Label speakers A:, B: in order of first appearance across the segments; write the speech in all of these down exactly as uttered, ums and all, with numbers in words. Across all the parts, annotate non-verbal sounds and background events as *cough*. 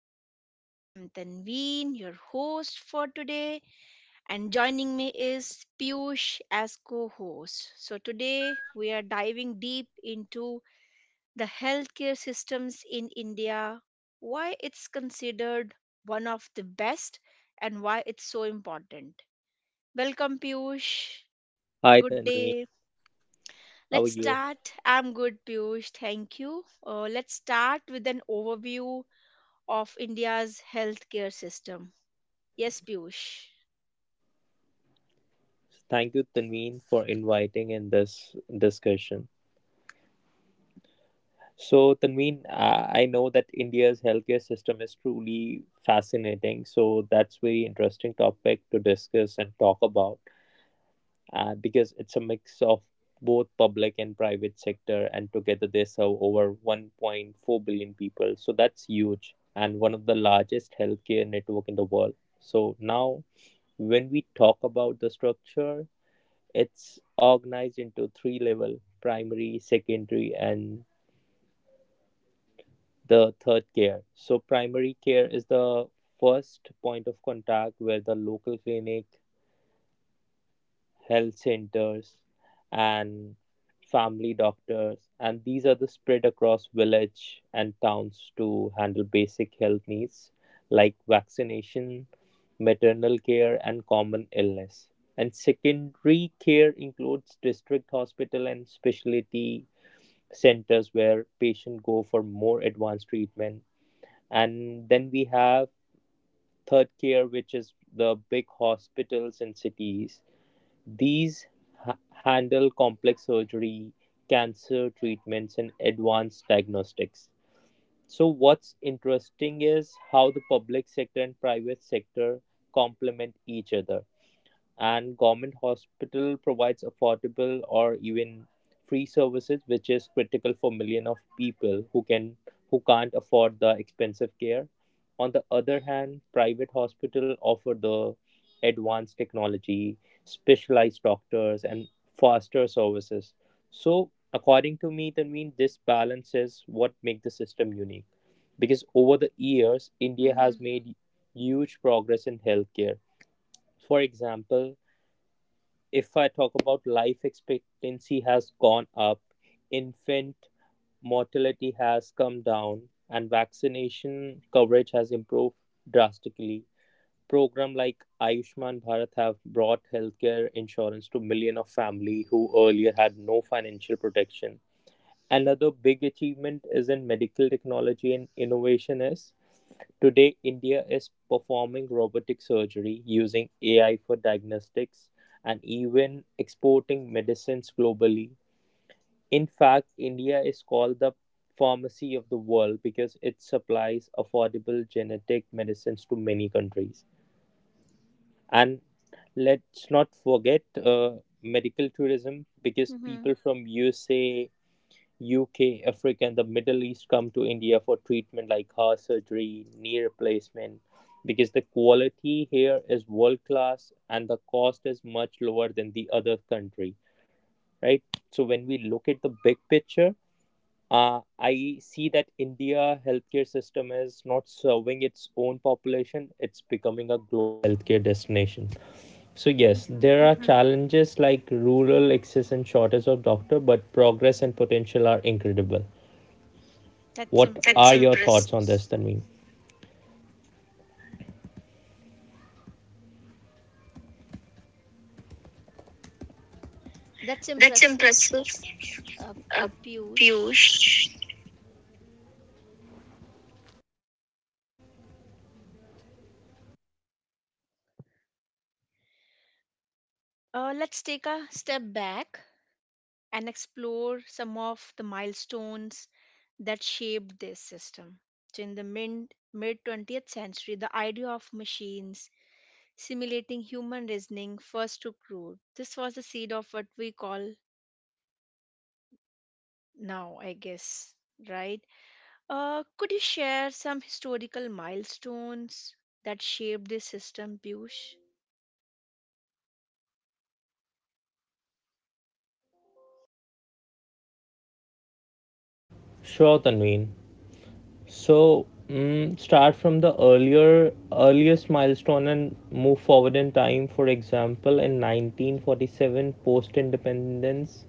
A: podcast. I'm Tanveen, your host for today, and joining me is Piyush as co host. So, today we are diving deep into the healthcare systems in India, why it's considered one of the best, and why it's so important. Welcome, Piyush.
B: Hi
A: Good
B: Tanveen,
A: day.
B: how are
A: Let's
B: you?
A: start. I'm good, Piyush. Thank you. Uh, let's start with an overview of India's healthcare system. Yes, Piyush.
B: Thank you Tanveen for inviting in this discussion. So Tanveen, uh, I know that India's healthcare system is truly fascinating. So that's very interesting topic to discuss and talk about uh, because it's a mix of both public and private sector, and together they serve over one point four billion people. So that's huge and one of the largest healthcare network in the world. So now when we talk about the structure, it's organized into three level: primary, secondary, and the third care. So primary care is the first point of contact where the local clinic, health centers, and family doctors, and these are the spread across village and towns to handle basic health needs like vaccination, maternal care and common illness. And secondary care includes district hospital and specialty centers where patients go for more advanced treatment. And then we have third care which is the big hospitals and cities. These ha- handle complex surgery, cancer treatments and advanced diagnostics. So what's interesting is how the public sector and private sector complement each other, and government hospital provides affordable or even free services which is critical for million of people who can who can't afford the expensive care. On the other hand, private hospital offer the advanced technology, specialized doctors and faster services. So according to me, that mean this balance is what make the system unique, because over the years India has
A: Mm-hmm.
B: made huge progress in healthcare. For example, if I talk about, life expectancy has gone up, infant mortality has come down, and vaccination coverage has improved drastically. Program like Ayushman Bharat have brought healthcare insurance to million of family who earlier had no financial protection. Another big achievement is in medical technology and innovation is today India is performing robotic surgery, using A I for diagnostics and even exporting medicines globally. In fact, India is called the pharmacy of the world because it supplies affordable genetic medicines to many countries. And let's not forget uh, medical tourism, because
A: Mm-hmm.
B: people from U S A, U K, Africa, and the Middle East come to India for treatment like heart surgery, knee replacement, because the quality here is world class and the cost is much lower than the other country, right? So when we look at the big picture, uh, I see that India healthcare system is not serving its own population; it's becoming a global healthcare destination. So yes,
A: Mm-hmm.
B: there are challenges like rural access and shortage of doctor, but progress and potential are incredible.
A: That's
B: What That's are
A: impressive.
B: your impressive. Thoughts on this, Tanveen?
A: That's
B: That's
A: impressive,
B: impressive.
A: uh,
B: Uh,
A: Piyush.
B: Piyush.
A: Uh, let's take a step back and explore some of the milestones that shaped this system. So, in the mid mid twentieth century, the idea of machines simulating human reasoning first took root. This was the seed of what we call now, I guess, right? Uh, could you share some historical milestones that shaped this system, Piyush?
B: Sure, Tanveen. So, mm, start from the earlier earliest milestone and move forward in time. For example, in nineteen forty-seven, post independence,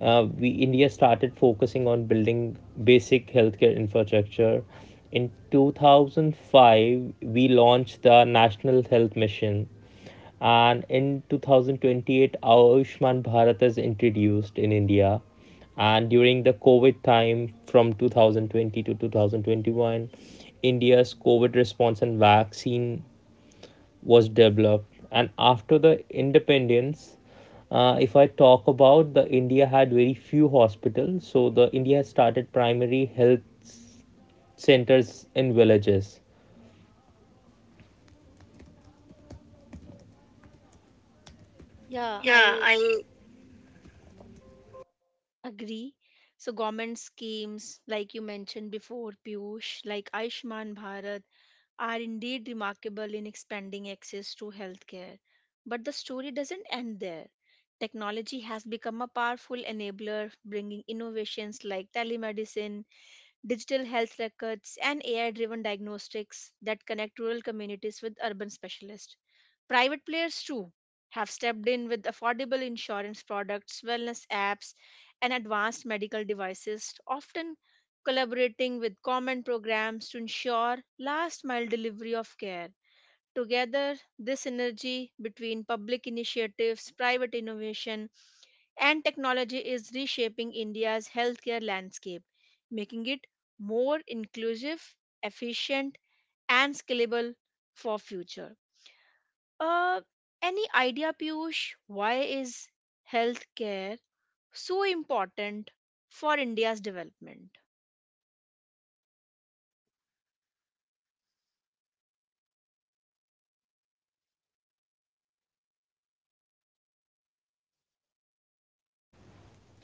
B: uh, we India started focusing on building basic healthcare infrastructure. In two thousand five, we launched the National Health Mission, and in two thousand twenty-eight, Ayushman Bharat is introduced in India. And during the COVID time from two thousand twenty to two thousand twenty-one, India's COVID response and vaccine was developed. And after the independence uh, if I talk about the india had very few hospitals, so the india started primary health centers in villages.
A: Yeah,
B: Yeah,
A: I
B: I
A: agree. So, government schemes, like you mentioned before, Piyush, like Ayushman Bharat, are indeed remarkable in expanding access to healthcare. But the story doesn't end there. Technology has become a powerful enabler, bringing innovations like telemedicine, digital health records, and A I driven diagnostics that connect rural communities with urban specialists. Private players, too, have stepped in with affordable insurance products, wellness apps, and advanced medical devices, often collaborating with common programs to ensure last mile delivery of care. Together, this synergy between public initiatives, private innovation, and technology is reshaping India's healthcare landscape, making it more inclusive, efficient, and scalable for future. Uh, any idea, Piyush? Why is healthcare so important for India's development?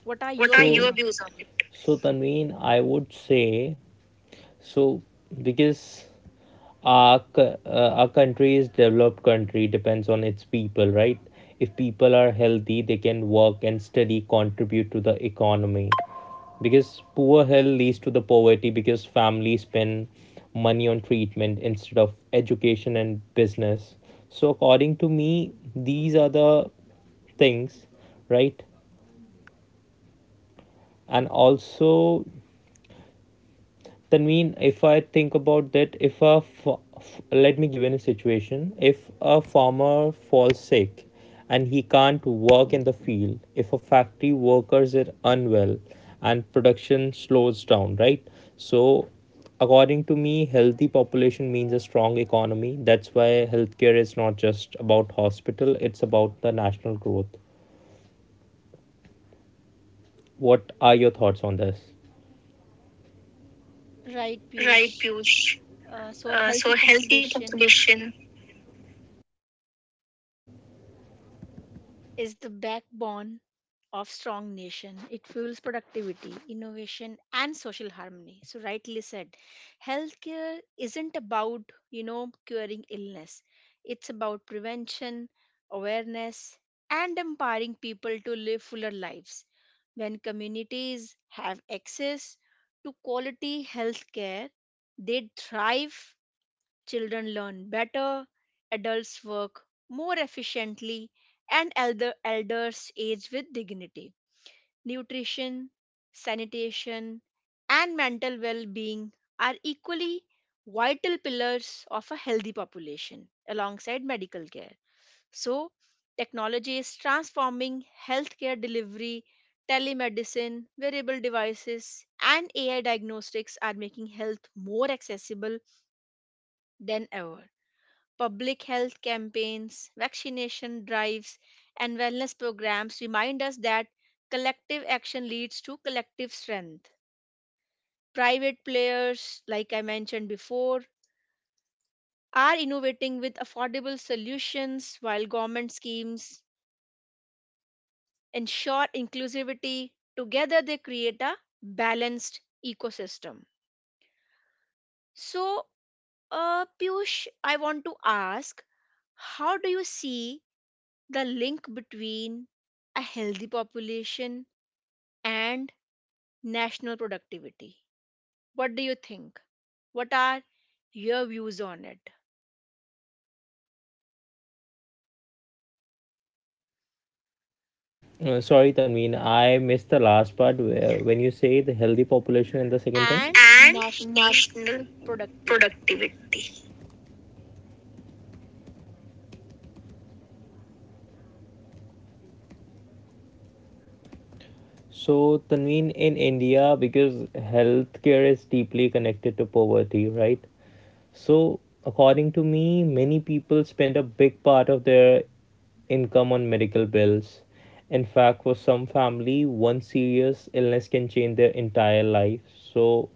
A: What are
B: What
A: your
B: so, are So-
A: views
B: your
A: on
B: views on it? So Tanveen, I would say, so because our co- uh, our country is developed country depends on its people, right? If people are healthy, they can work and study, contribute to the economy. Because poor health leads to the poverty, because families spend money on treatment instead of education and business. So according to me, these are the things, right? And also Tanveen, if I think about that, if a f- f- let me give you a situation, if a farmer falls sick and he can't work in the field, if a factory workers are unwell and production slows down, right? So, according to me, healthy population means a strong economy. That's why healthcare is not just about hospital; it's about the national growth. What are your thoughts on this?
A: it? Right,
B: Right,
A: Piyush.
B: Piyush.
A: Uh, so
B: Uh,
A: healthy
B: so healthy
A: population
B: population.
A: is the backbone of strong nation. It fuels productivity, innovation, and social harmony. So rightly said, healthcare isn't about, you know, curing illness. It's about prevention, awareness, and empowering people to live fuller lives. When communities have access to quality healthcare, they thrive. Children learn better, adults work more efficiently, and elder, elders age with dignity. Nutrition, sanitation, and mental well being are equally vital pillars of a healthy population alongside medical care. So, technology is transforming healthcare delivery. Telemedicine, wearable devices, and A I diagnostics are making health more accessible than ever. Public health campaigns, vaccination drives, and wellness programs remind us that collective action leads to collective strength. Private players, like I mentioned before, are innovating with affordable solutions while government schemes ensure inclusivity. Together, they create a balanced ecosystem. So, uh, Piyush, I want to ask how do you see the link between a healthy population and national productivity. What do you think? What are your views on it?
B: Uh, sorry, Tanveen, I missed the last part where, when you say the healthy population and the second thing.
A: And
B: And
A: national
B: national
A: productivity.
B: productivity. So, Tanveen, in India, because healthcare is deeply connected to poverty, right? So, according to me, many people spend a big part of their income on medical bills. In fact, for some family, one serious illness can change their entire life. So,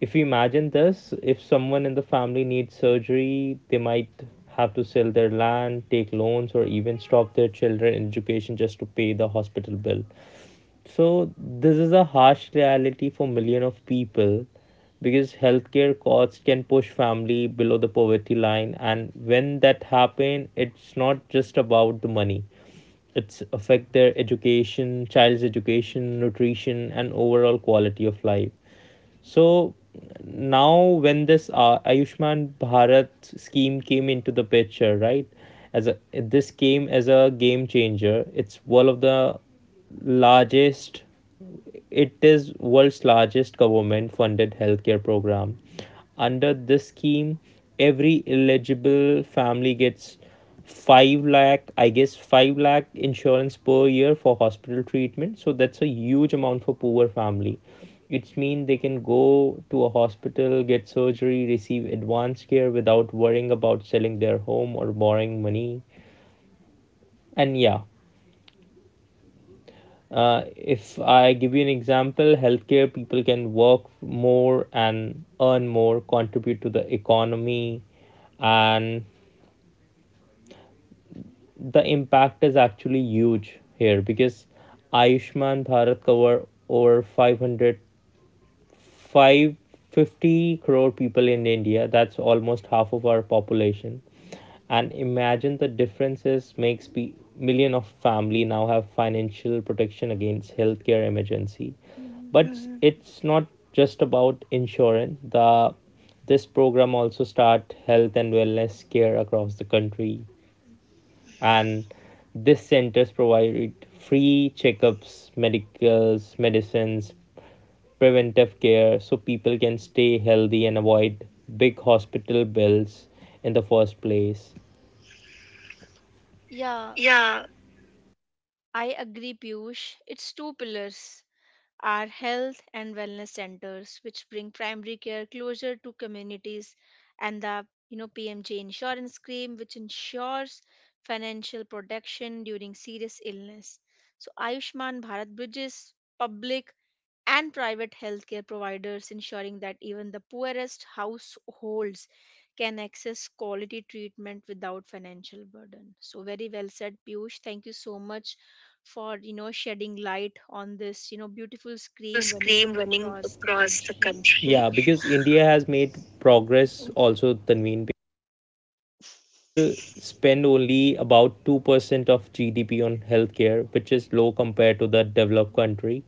B: if you imagine this, if someone in the family needs surgery, they might have to sell their land, take loans, or even stop their children education just to pay the hospital bill. So this is a harsh reality for million of people, because healthcare costs can push family below the poverty line. And when that happen, it's not just about the money, it's affect their education, child's education, nutrition and overall quality of life. So now, when this uh, Ayushman Bharat scheme came into the picture, right? As a this came as a game changer. It's one of the largest. It is world's largest government-funded healthcare program. Under this scheme, every eligible family gets 5 lakh, I guess 5 lakh insurance per year for hospital treatment. So that's a huge amount for poor family. It's mean they can go to a hospital, get surgery, receive advanced care without worrying about selling their home or borrowing money. And yeah, uh, if I give you an example, healthcare people can work more and earn more, contribute to the economy. And the impact is actually huge here, because Ayushman Bharat cover over 500 550 crore people in India, that's almost half of our population. And imagine the differences makes pe- million of family now have financial protection against healthcare emergency.
A: Mhm.
B: But mm-hmm. it's not just about insurance, the this program also start health and wellness care across the country. And these centers provide free checkups, medicals medicines, preventive care, so people can stay healthy and avoid big hospital bills in the first place.
A: Yeah,
B: Yeah,
A: I agree, Piyush. It's two pillars are health and wellness centers which bring primary care closer to communities, and the, you know, P M J insurance scheme which ensures financial protection during serious illness. So Ayushman Bharat bridges public and private healthcare providers, ensuring that even the poorest households can access quality treatment without financial burden. So very well said, Piyush. Thank you so much for, you know, shedding light on this, you know, beautiful
B: beautiful
A: scheme running
B: scream running
A: across the
B: across the
A: country.
B: country. Yeah, because india has made progress also tanveen, people spend only about two percent of gdp on healthcare, which is low compared to the developed country.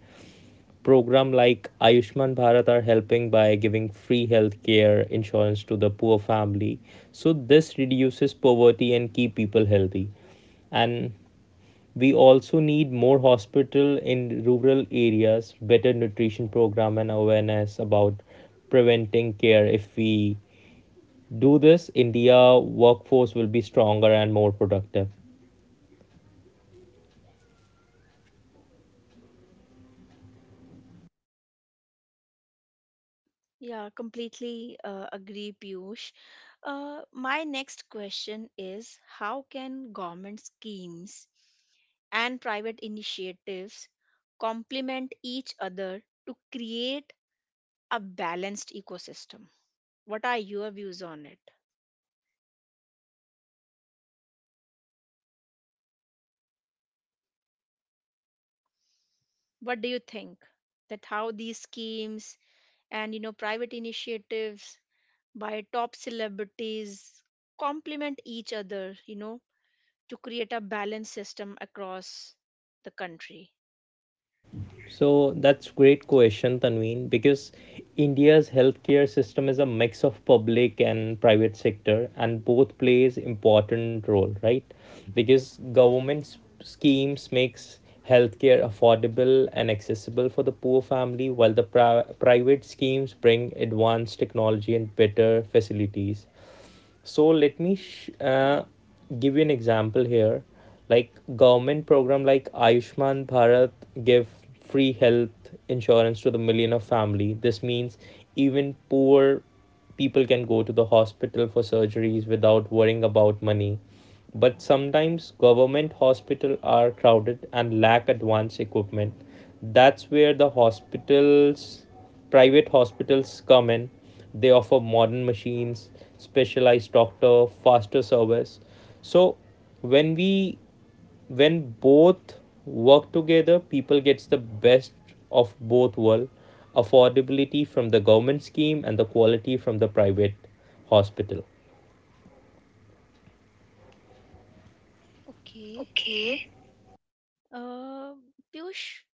B: Program like Ayushman Bharat are helping by giving free healthcare insurance to the poor family. So this reduces poverty and keep people healthy. And we also need more hospital in rural areas, better nutrition program and awareness about preventing care. If we do this, India workforce will be stronger and more productive.
A: Yeah, completely uh, agree, Piyush. Uh, my next question is how can government schemes and private initiatives complement each other to create a balanced ecosystem? What are your views on it? What do you think that how these schemes and, you know, private initiatives by top celebrities complement each other, you know, to create a balanced system across the country.
B: So that's great question, Tanveen, because India's healthcare system is a mix of public and private sector, and both plays important role, right? Because government schemes makes healthcare affordable and accessible for the poor family, while the pri- private schemes bring advanced technology and better facilities. So let me sh- uh, give you an example here, like government program like ayushman bharat give free health insurance to the million of family. This means even poor people can go to the hospital for surgeries without worrying about money. But sometimes government hospitals are crowded and lack advanced equipment. That's where the hospitals private hospitals come in. They offer modern machines, specialized doctor, faster service. So when we when both work together, people gets the best of both world: affordability from the government scheme and the quality from the private hospital.
A: Okay.
B: Okay.
A: Uh, Piyush,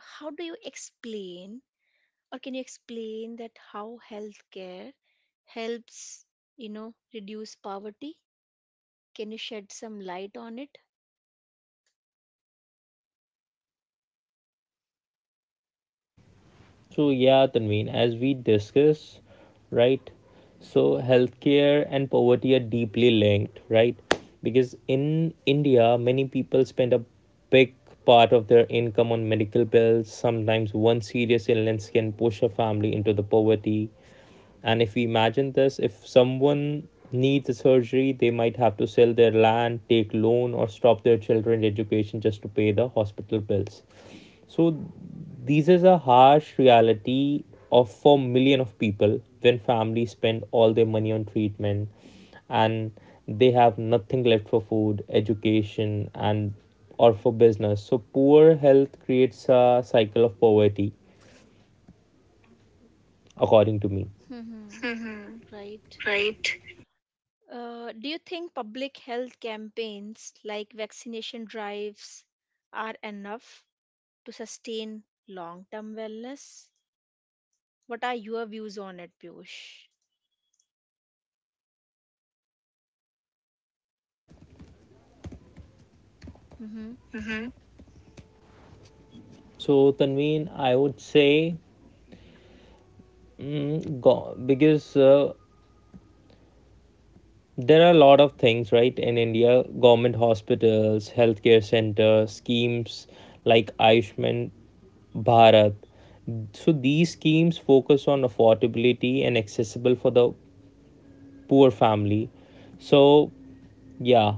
A: how do you explain, or can you explain that how healthcare helps, you know, reduce poverty? Can you shed some light on it?
B: So yeah, Tanveen, as we discuss, right? So healthcare and poverty are deeply linked, right? Because in India, many people spend a big part of their income on medical bills. Sometimes one serious illness can push a family into the poverty. And if we imagine this, if someone needs a surgery, they might have to sell their land, take loan, or stop their children's education just to pay the hospital bills. So these is a harsh reality of for million of people. When families spend all their money on treatment and they have nothing left for food, education and or for business, so poor health creates a cycle of poverty according to me.
A: Hmm. Right.
B: Right.
A: Uh, do you think public health campaigns like vaccination drives are enough to sustain long-term wellness? What are your views on it, Piyush?
B: So Tanveen, I would say, mm, go, because uh, there are a lot of things right in india, government hospitals, healthcare centers, schemes like ayushman bharat. So these schemes focus on affordability and accessible for the poor family. So yeah,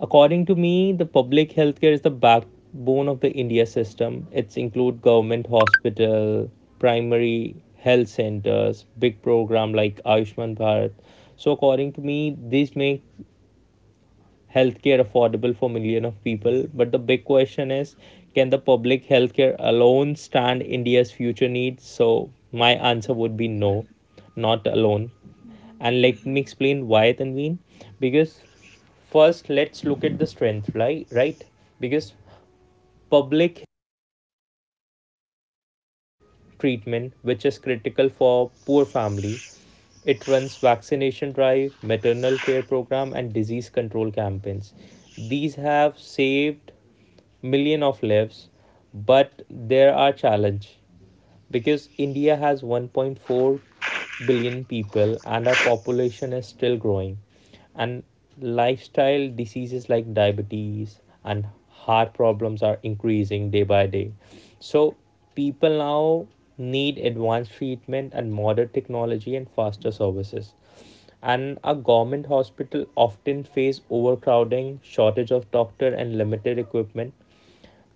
B: according to me, the public healthcare is the backbone of the india system. It's include government hospital, primary health centers, big program like ayushman bharat. So according to me, these make healthcare affordable for million of people. But the big question is, can the public healthcare alone stand india's future needs? So my answer would be no, not alone.
A: Mhm,
B: And let me explain why tanveen, because first let's look at the strength, right right, because public treatment which is critical for poor families. It runs vaccination drive, maternal care program and disease control campaigns. These have saved million of lives, but there are challenge because India has one point four billion people and our population is still growing, and lifestyle diseases like diabetes and heart problems are increasing day by day. So people now need advanced treatment and modern technology and faster services, and a government hospital often face overcrowding, shortage of doctor and limited equipment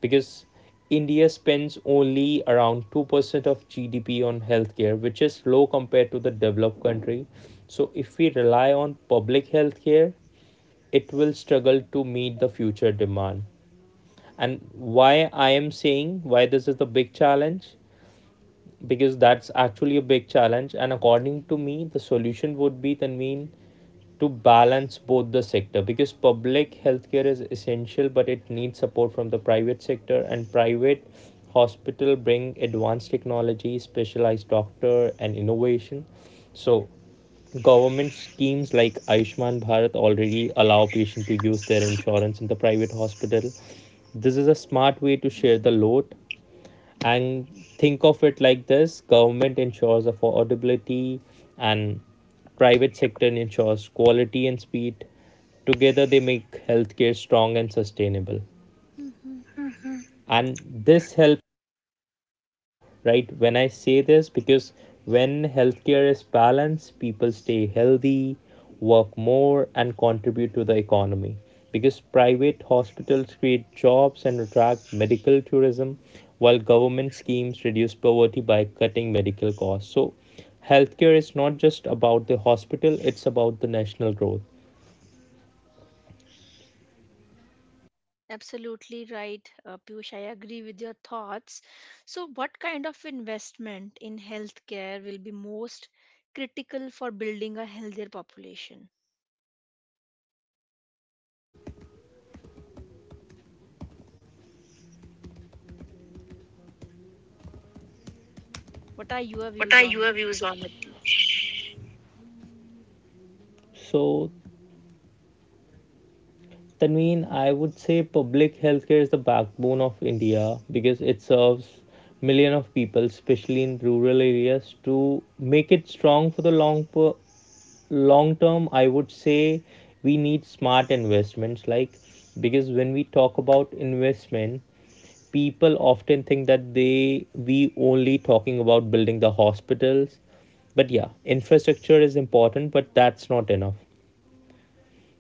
B: because India spends only around two percent of G D P on healthcare, which is low compared to the developed country. So, if we rely on public healthcare, it will struggle to meet the future demand. And why I am saying why this is the big challenge, because that's actually a big challenge. And according to me, the solution would be, Tanveen, to balance both the sector, because public healthcare is essential but it needs support from the private sector, and private hospital bring advanced technology, specialized doctor and innovation. So government schemes like Aishman Bharat already allow patients to use their insurance in the private hospital. This is a smart way to share the load. And think of it like this: government ensures affordability and private sector ensures quality and speed. Together they make healthcare strong and sustainable,
A: mhm.
B: and this helps, right? When I say this, because when healthcare is balanced, people stay healthy, work more and contribute to the economy, because private hospitals create jobs and attract medical tourism, while government schemes reduce poverty by cutting medical costs. So healthcare is not just about the hospital, it's about the national growth.
A: Absolutely right, uh, Piyush. I agree with your thoughts. So, what kind of investment in healthcare will be most critical for building a healthier population? What are your
B: What
A: views
B: are
A: on it?
B: your views on it? So Tanveen, I would say public healthcare is the backbone of India because it serves million of people, especially in rural areas. To make it strong for the long per- long term, I would say we need smart investments. Like, because when we talk about investment, people often think that they we only talking about building the hospitals, but yeah, infrastructure is important, but that's not enough.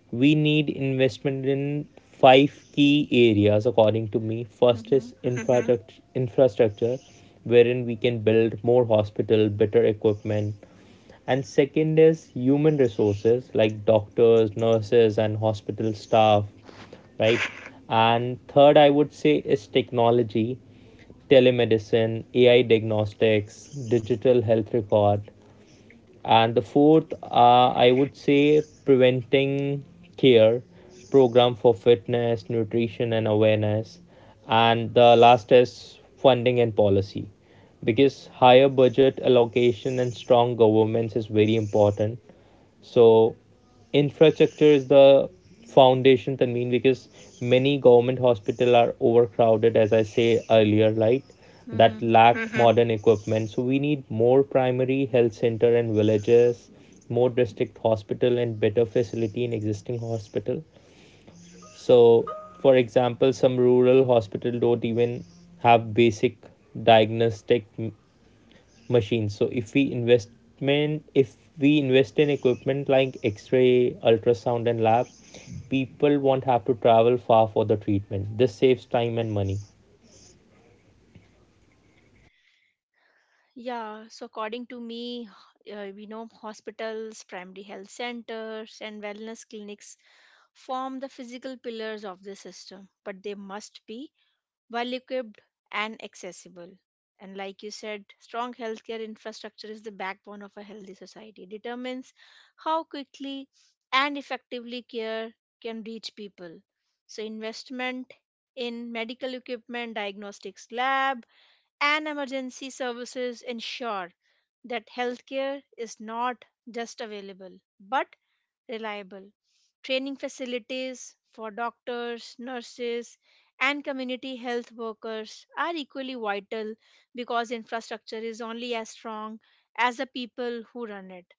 B: We need investment in five key areas according to me. First
A: Mm-hmm.
B: is infrastructure, mm-hmm. infrastructure wherein we can build more hospital, better equipment. And second is human resources like doctors, nurses and hospital staff, right? And third I would say is technology, telemedicine, AI diagnostics, digital health record. And the fourth, uh, I would say preventing care, program for fitness, nutrition and awareness. And the last is funding and policy, because higher budget allocation and strong governments is very important. So, infrastructure is the foundation, Tanveen, because many government hospital are overcrowded, as I say earlier, right? That
A: Mm-hmm.
B: lack mm-hmm. modern equipment. So we need more primary health center and villages, more district hospital and better facility in existing hospital. So, for example, some rural hospital don't even have basic diagnostic machines. So if we investment if we invest in equipment like x-ray, ultrasound and lab, people won't have to travel far for the treatment. This saves time and money.
A: Yeah, so according to me, h- uh, we know hospitals, primary health centers, and wellness clinics form the physical pillars of the system, but they must be well equipped and accessible. And like you said, strong healthcare infrastructure is the backbone of a healthy society. It determines how quickly and effectively care can reach people. So, investment in medical equipment, diagnostics lab, and emergency services ensure that healthcare is not just available but reliable. Training facilities for doctors, nurses, and community health workers are equally vital because infrastructure is only as strong as the people who run it.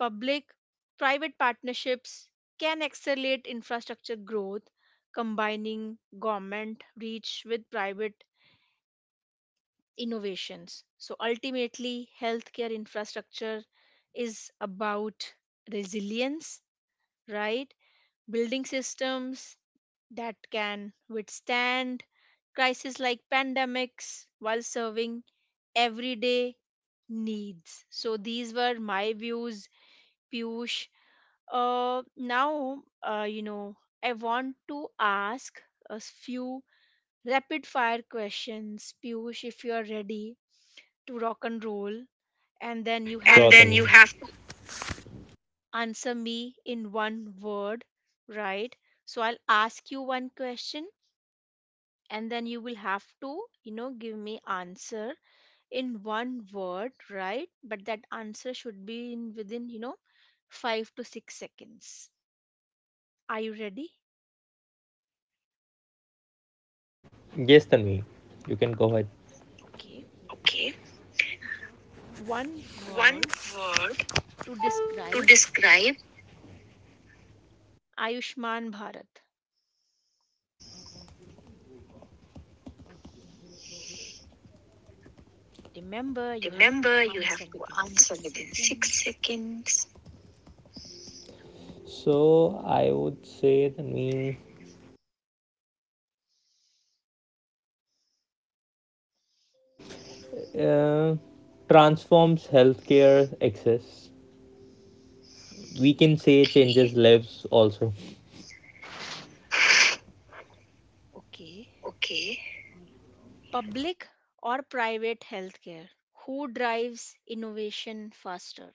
A: Public private partnerships can accelerate infrastructure growth, combining government reach with private innovations. So ultimately, healthcare infrastructure is about resilience, right? Building systems that can withstand crises like pandemics while serving everyday needs. So these were my views, Piyush. Uh, now, uh, you know, I want to ask a s- few rapid fire questions, Piyush, if you are ready to rock and roll, and then you
B: And
A: have
B: Sure,
A: to
B: then Tanvi. You have to...
A: answer me in one word, right? So I'll ask you one question and then you will have to, you know, give me answer in one word, right? But that answer should be in within, you know, five to six seconds. Are you ready?
B: Yes, Tanvi, you can go ahead.
A: Okay.
B: Okay.
A: One
B: One
A: word
B: word
A: to
B: to
A: describe
B: describe.
A: Ayushman Bharat. Remember, you have to
B: Remember, you
A: answer
B: have to
A: within
B: answer
A: six
B: within six
A: seconds.
B: seconds. So I would say that mean uh, transforms healthcare access. We can
A: Okay.
B: say changes lives also.
A: Okay.
B: Okay.
A: Public or private healthcare, who drives innovation faster?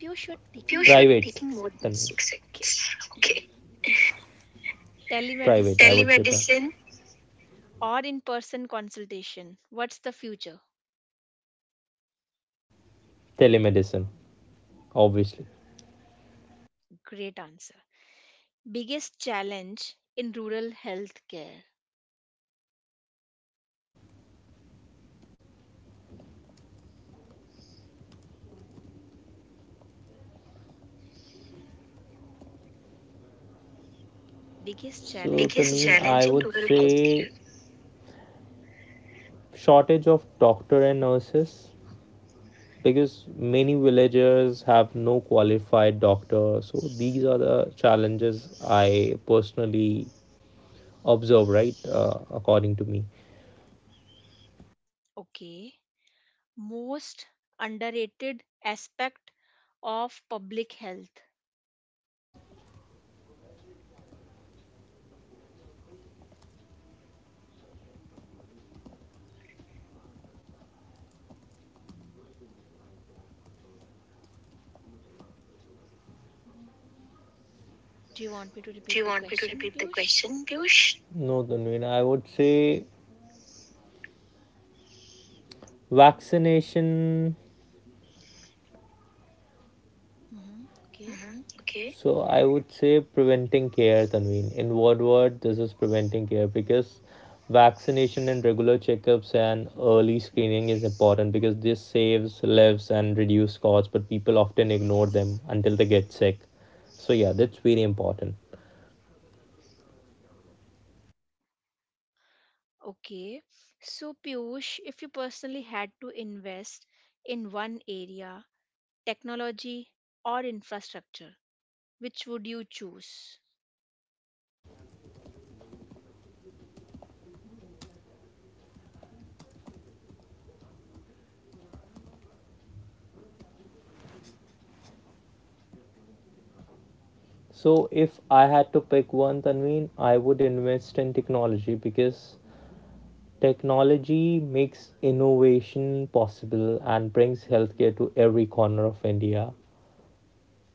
A: You should
B: You
A: taking more
B: Private.
A: than
B: Taking
A: six
B: more than
A: seconds.
B: six
A: *laughs* Okay.
B: eggs. Okay. Private.
A: Telemedicine
B: Telemedicine.
A: or in person consultation? What's the future?
B: Telemedicine, obviously.
A: Great answer. Biggest challenge in rural healthcare. Biggest
B: So
A: challenge in
B: Biggest
A: rural
B: Tanveen, I would
A: healthcare.
B: say shortage of doctor and nurses, because many villagers have no qualified doctor. So these are the challenges I personally observe. Right, uh, according to me.
A: Okay. Most underrated aspect of public health. Do you want me to
B: Do
A: repeat
B: you
A: the
B: want me to
A: question,
B: repeat the
A: Piyush?
B: question, Piyush? No, Tanveen, I would say vaccination.
A: Mm-hmm. Okay.
B: Mm-hmm. Okay. So I would say preventing care, Tanveen. In what word this is preventing care, because vaccination and regular checkups and early screening is important, because this saves lives and reduce costs, but people often ignore them until they get sick. So yeah, that's very important.
A: Okay. So, Piyush, if you personally had to invest in one area, technology or infrastructure, which would you choose?
B: So if I had to pick one, Tanveen, I would invest in technology, because technology makes innovation possible and brings healthcare to every corner of India,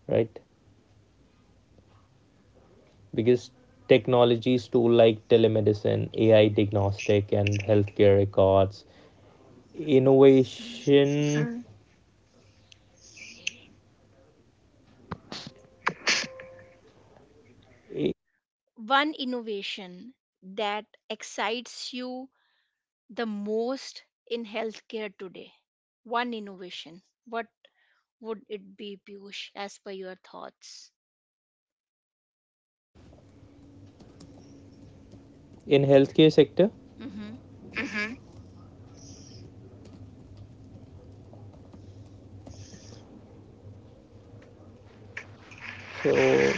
B: right? Because technologies too like telemedicine, A I diagnostic, and healthcare records,
A: Mm.
B: innovation
A: One innovation that excites you the most in healthcare today? One innovation. What would it be, Piyush, as per your thoughts?
B: in healthcare sector.
A: Hmm.
B: So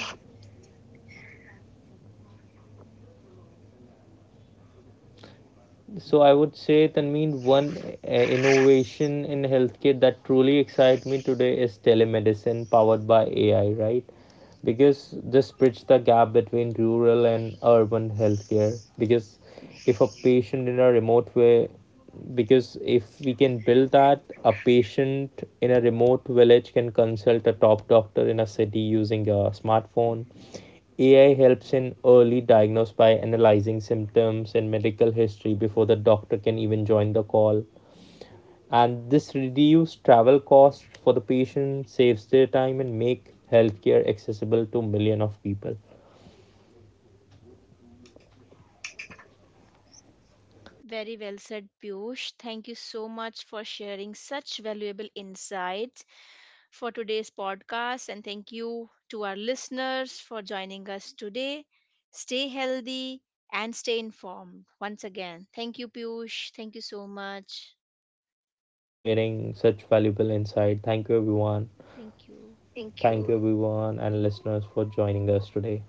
B: So I would say, Tanmeen, one uh, innovation in healthcare that truly excites me today is telemedicine powered by A I, right? Because this bridges the gap between rural and urban healthcare. Because if a patient in a remote way, because if we can build that, a patient in a remote village can consult a top doctor in a city using a smartphone. A I helps in early diagnosis by analyzing symptoms and medical history before the doctor can even join the call. And this reduces travel costs for the patient, saves their time, and make healthcare accessible to million of people.
A: Very well said, Piyush. Thank you so much for sharing such valuable insights for today's podcast. And thank you to our listeners for joining us today. Stay healthy and stay informed. Once again, thank you, Piyush. Thank you so much.
B: For sharing such valuable insight, thank you everyone.
A: Thank you.
B: Thank you. Thank you everyone and listeners for joining us today.